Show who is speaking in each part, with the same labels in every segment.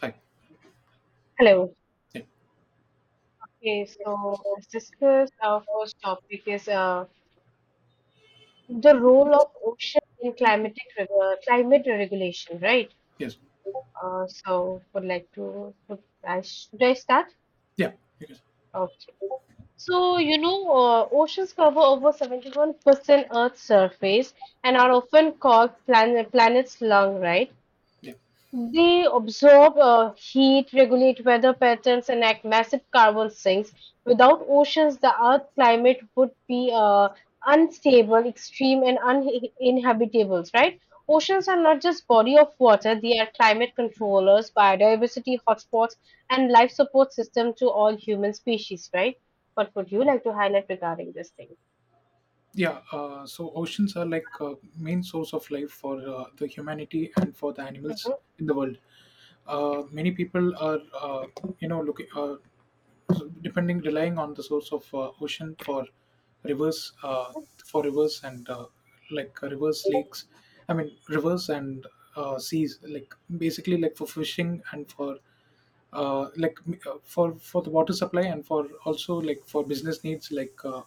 Speaker 1: Hi.
Speaker 2: Hello.
Speaker 1: Yeah.
Speaker 2: Okay, so let's discuss our first topic is the role of ocean in climate regulation, right?
Speaker 1: Yes.
Speaker 2: So would like to would I should I start?
Speaker 1: Yeah. Yes.
Speaker 2: Okay. So oceans cover over 71% Earth's surface and are often called planet's lung, right?
Speaker 1: Yeah.
Speaker 2: They observe heat, regulate weather patterns, and act massive carbon sinks. Without oceans, the Earth climate would be unstable, extreme, and uninhabitable. Right? Oceans are not just body of water; they are climate controllers, biodiversity hotspots, and life support system to all human species. Right? What would you like to highlight regarding this thing?
Speaker 1: Yeah. So oceans are like main source of life for the humanity and for the animals
Speaker 2: Hmm.
Speaker 1: in the world. Many people are, looking, so depending, relying on the source of ocean rivers, uh, for rivers and like rivers, lakes. I mean, rivers and seas, like basically like for fishing and for like for the water supply and for also like for business needs like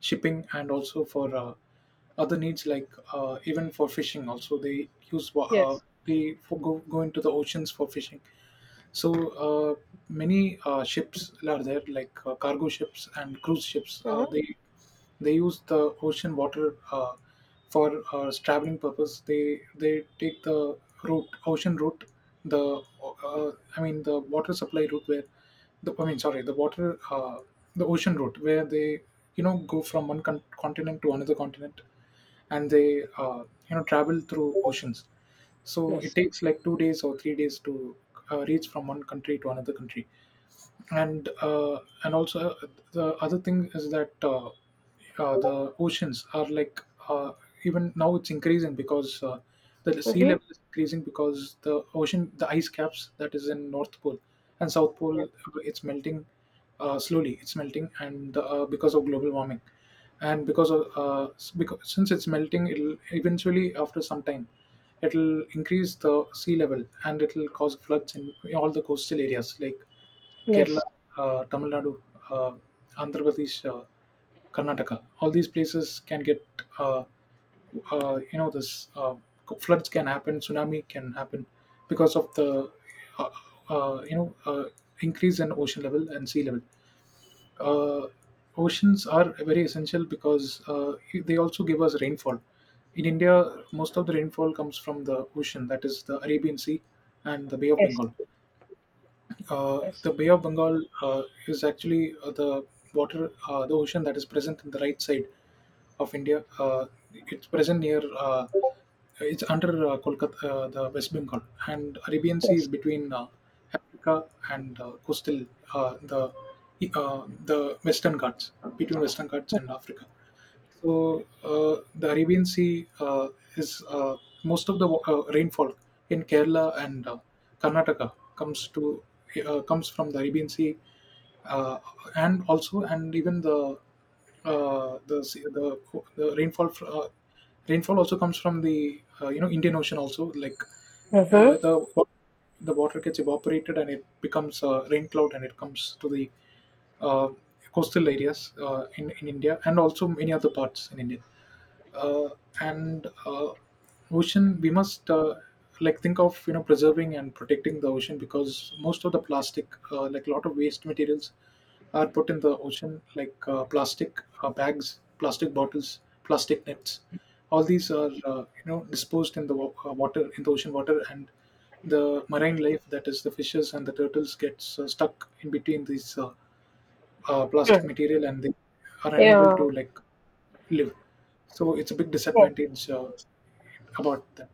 Speaker 1: shipping and also for other needs like even for fishing also they use
Speaker 2: Yes.
Speaker 1: they for go into the oceans for fishing. So many ships are there, like cargo ships and cruise ships. Uh,
Speaker 2: Hmm.
Speaker 1: they they use the ocean water for traveling purpose. They take the route, ocean route, the I mean the water supply route where the I mean sorry the water the ocean route where they go from one continent to another continent and they travel through oceans. So
Speaker 2: Yes.
Speaker 1: it takes like 2 days or 3 days to reach from one country to another country. And and also the other thing is that the oceans are like uh, even now it's increasing because the sea
Speaker 2: Hmm.
Speaker 1: level is increasing, because the ocean the ice caps that is in north pole and south pole, it's melting, slowly it's melting, and because of global warming and because of because since it's melting it'll eventually after some time it'll increase the sea level and it'll cause floods in all the coastal areas like Kerala,
Speaker 2: Yes.
Speaker 1: Tamil Nadu, uh, Andhra Pradesh, Karnataka. All these places can get, uh, you know, this floods can happen, tsunami can happen because of the, uh, uh, you know, uh, increase in ocean level and sea level. Uh, oceans are very essential because they also give us rainfall. In India, most of the rainfall comes from the ocean, that is the Arabian Sea and the Bay of
Speaker 2: Yes.
Speaker 1: Bengal. uh,
Speaker 2: Yes.
Speaker 1: the Bay of Bengal uh, is actually the water, the ocean that is present in the right side of India. It's present near, it's under Kolkata, the West Bengal, and Arabian Sea
Speaker 2: Yes.
Speaker 1: is between Africa and coastal, uh, the the Western Ghats, between Western Ghats and Africa. So the Arabian Sea is most of the rainfall in Kerala and Karnataka comes to comes from the Arabian Sea, uh, and also and even the rainfall also comes from the Indian Ocean also. Like
Speaker 2: Yes.
Speaker 1: the the water gets evaporated and it becomes a rain cloud and it comes to the uh, coastal areas in India and also many other parts in India. Uh, and ocean, we must like think of preserving and protecting the ocean, because most of the plastic, like a lot of waste materials, are put in the ocean, like plastic bags, plastic bottles, plastic nets. All these are disposed in the water, in the ocean water, and the marine life, that is the fishes and the turtles, gets stuck in between these plastic
Speaker 2: Hmm.
Speaker 1: material and they are unable
Speaker 2: Yeah,
Speaker 1: to like live. So it's a big
Speaker 2: yes,
Speaker 1: disadvantage about that.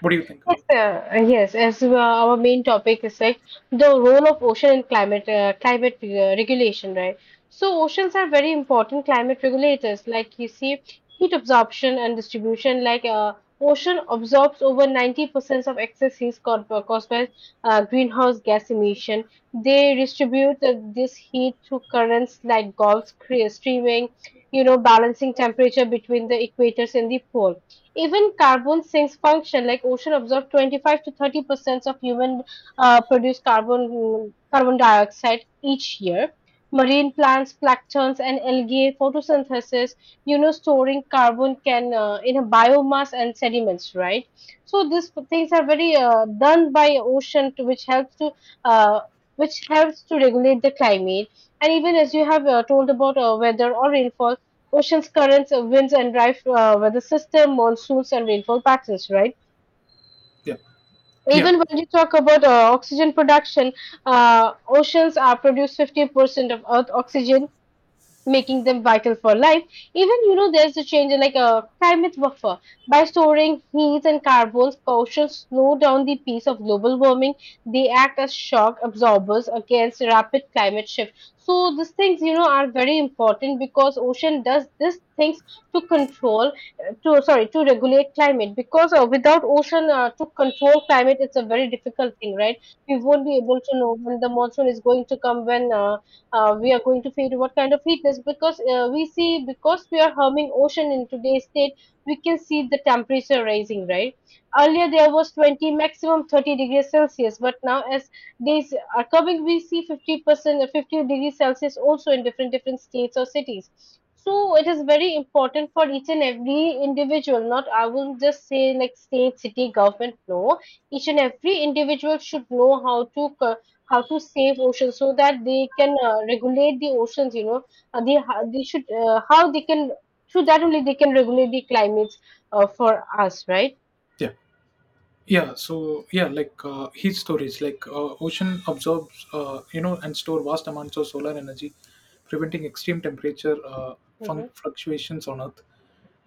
Speaker 1: What do you think about?
Speaker 2: yes, yes. As our main topic is like the role of ocean and climate regulation, right? So oceans are very important climate regulators. Like you see, heat absorption and distribution. Like ocean absorbs over 90% of excess heat caused by greenhouse gas emission. They distribute this heat through currents like gulfs, streaming, balancing temperature between the equators and the pole. Even carbon sinks function like ocean absorb 25 to 30% of human produced carbon dioxide each year. Marine plants, planktons, and algae photosynthesis, storing carbon can in a biomass and sediments, right? So these things are very done by ocean, to, which helps to uh, which helps to regulate the climate. And even as you have told about weather or rainfall, oceans currents, winds and dry weather system, monsoons and rainfall patterns, right?
Speaker 1: Yeah, yeah,
Speaker 2: Even when you talk about oxygen production, oceans are produce 50% of Earth oxygen, making them vital for life. Even there's a change in like a climate buffer by storing heat and carbons. Oceans slow down the pace of global warming. They act as shock absorbers against rapid climate shift. So these things are very important because ocean does these things to control, to, sorry, to regulate climate. Because without ocean to control climate, it's a very difficult thing, right? We won't be able to know when the monsoon is going to come, when we are going to feed what kind of heatness, because we see, because we are harming ocean in today's state, we can see the temperature rising, right? Earlier there was 20 maximum 30°C, but now as days are coming we see 50% 50°C also in different different states or cities. So it is very important for each and every individual, not I will just say like state, city, government, no, each and every individual should know how to how to save oceans so that they can regulate the oceans, they should, how they can, through that only they can regulate the climates for us, right?
Speaker 1: yeah. Yeah, so like heat storage, like ocean absorbs and store vast amounts of solar energy, preventing extreme temperature
Speaker 2: Hmm.
Speaker 1: fluctuations on earth.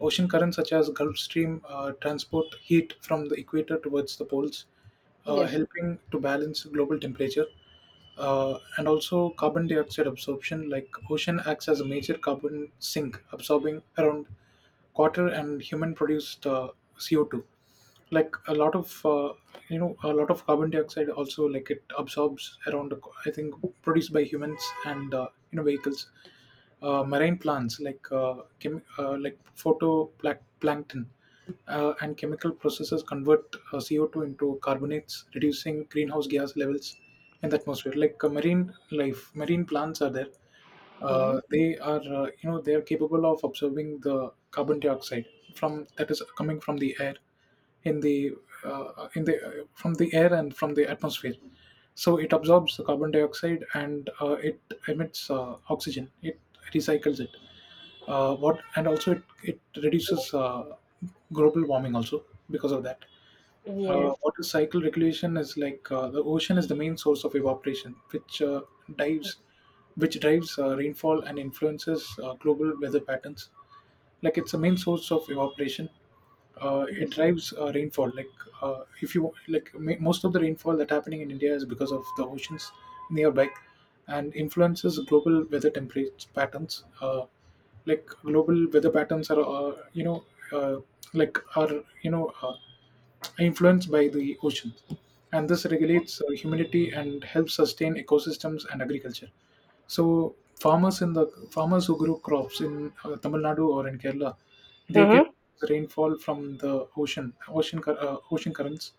Speaker 1: Ocean currents such as gulf stream transport heat from the equator towards the poles,
Speaker 2: Yes.
Speaker 1: helping to balance global temperature, and also carbon dioxide absorption. Like ocean acts as a major carbon sink, absorbing around quarter and human produced CO2, like a lot of a lot of carbon dioxide also. Like it absorbs around I think produced by humans and vehicles. Marine plants, like like photoplankton and chemical processes, convert CO2 into carbonates, reducing greenhouse gas levels in the atmosphere. Like marine life, marine plants are there,
Speaker 2: Mhm.
Speaker 1: they are they are capable of absorbing the carbon dioxide from that is coming from the air in the from the air and from the atmosphere. So it absorbs the carbon dioxide and it emits oxygen, it recycles it, what, and also it reduces global warming also because of that. Uh,
Speaker 2: Yes.
Speaker 1: water cycle regulation is like the ocean is the main source of evaporation, which dives, which drives rainfall and influences global weather patterns. Like it's the main source of evaporation. It drives rainfall. Like if you like, most of the rainfall that happening in India is because of the oceans nearby, and influences global weather temperature patterns. Like global weather patterns are, uh, like are you know. Influenced by the oceans, and this regulates humidity and helps sustain ecosystems and agriculture. So farmers who grow crops in Tamil Nadu or in Kerala, they
Speaker 2: Hmm.
Speaker 1: get rainfall from the ocean, ocean currents.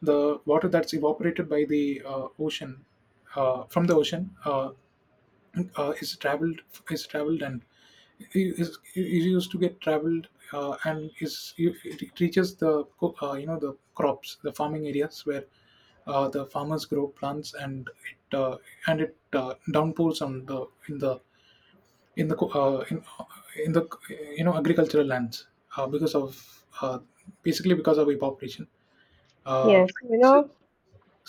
Speaker 1: The water that's evaporated by the ocean, from the ocean, uh, is traveled is traveled and it used to get traveled, and is it reaches the the crops, the farming areas where the farmers grow plants, and it downpours on the in the co- uh, in, uh, in the agricultural lands, because of basically because of evaporation. uh,
Speaker 2: Yes. You
Speaker 1: so
Speaker 2: know.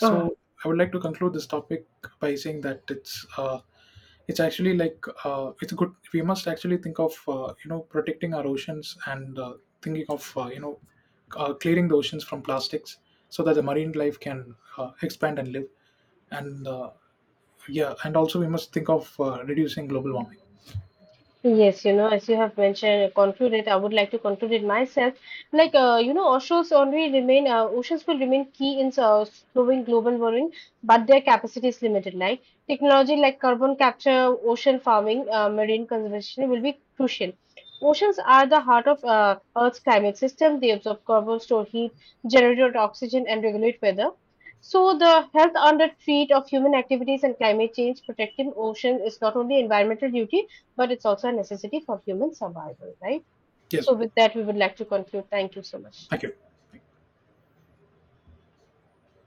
Speaker 1: I would like to conclude this topic by saying that it's actually like it's good. We must actually think of protecting our oceans and thinking of clearing the oceans from plastics so that the marine life can expand and live. And yeah, and also we must think of reducing global warming.
Speaker 2: Yes, as you have mentioned, concluded, I would like to conclude it myself. Like, oceans will remain key in slowing global warming, but their capacity is limited. Like, technology like carbon capture, ocean farming, marine conservation will be crucial. Oceans are the heart of Earth's climate system. They absorb carbon, store heat, generate oxygen, and regulate weather. So, the health under threat of human activities and climate change, protecting oceans is not only environmental duty but it's also a necessity for human survival, right?
Speaker 1: Yes,
Speaker 2: So, with that, we would like to conclude. Thank you so much.
Speaker 1: thank you.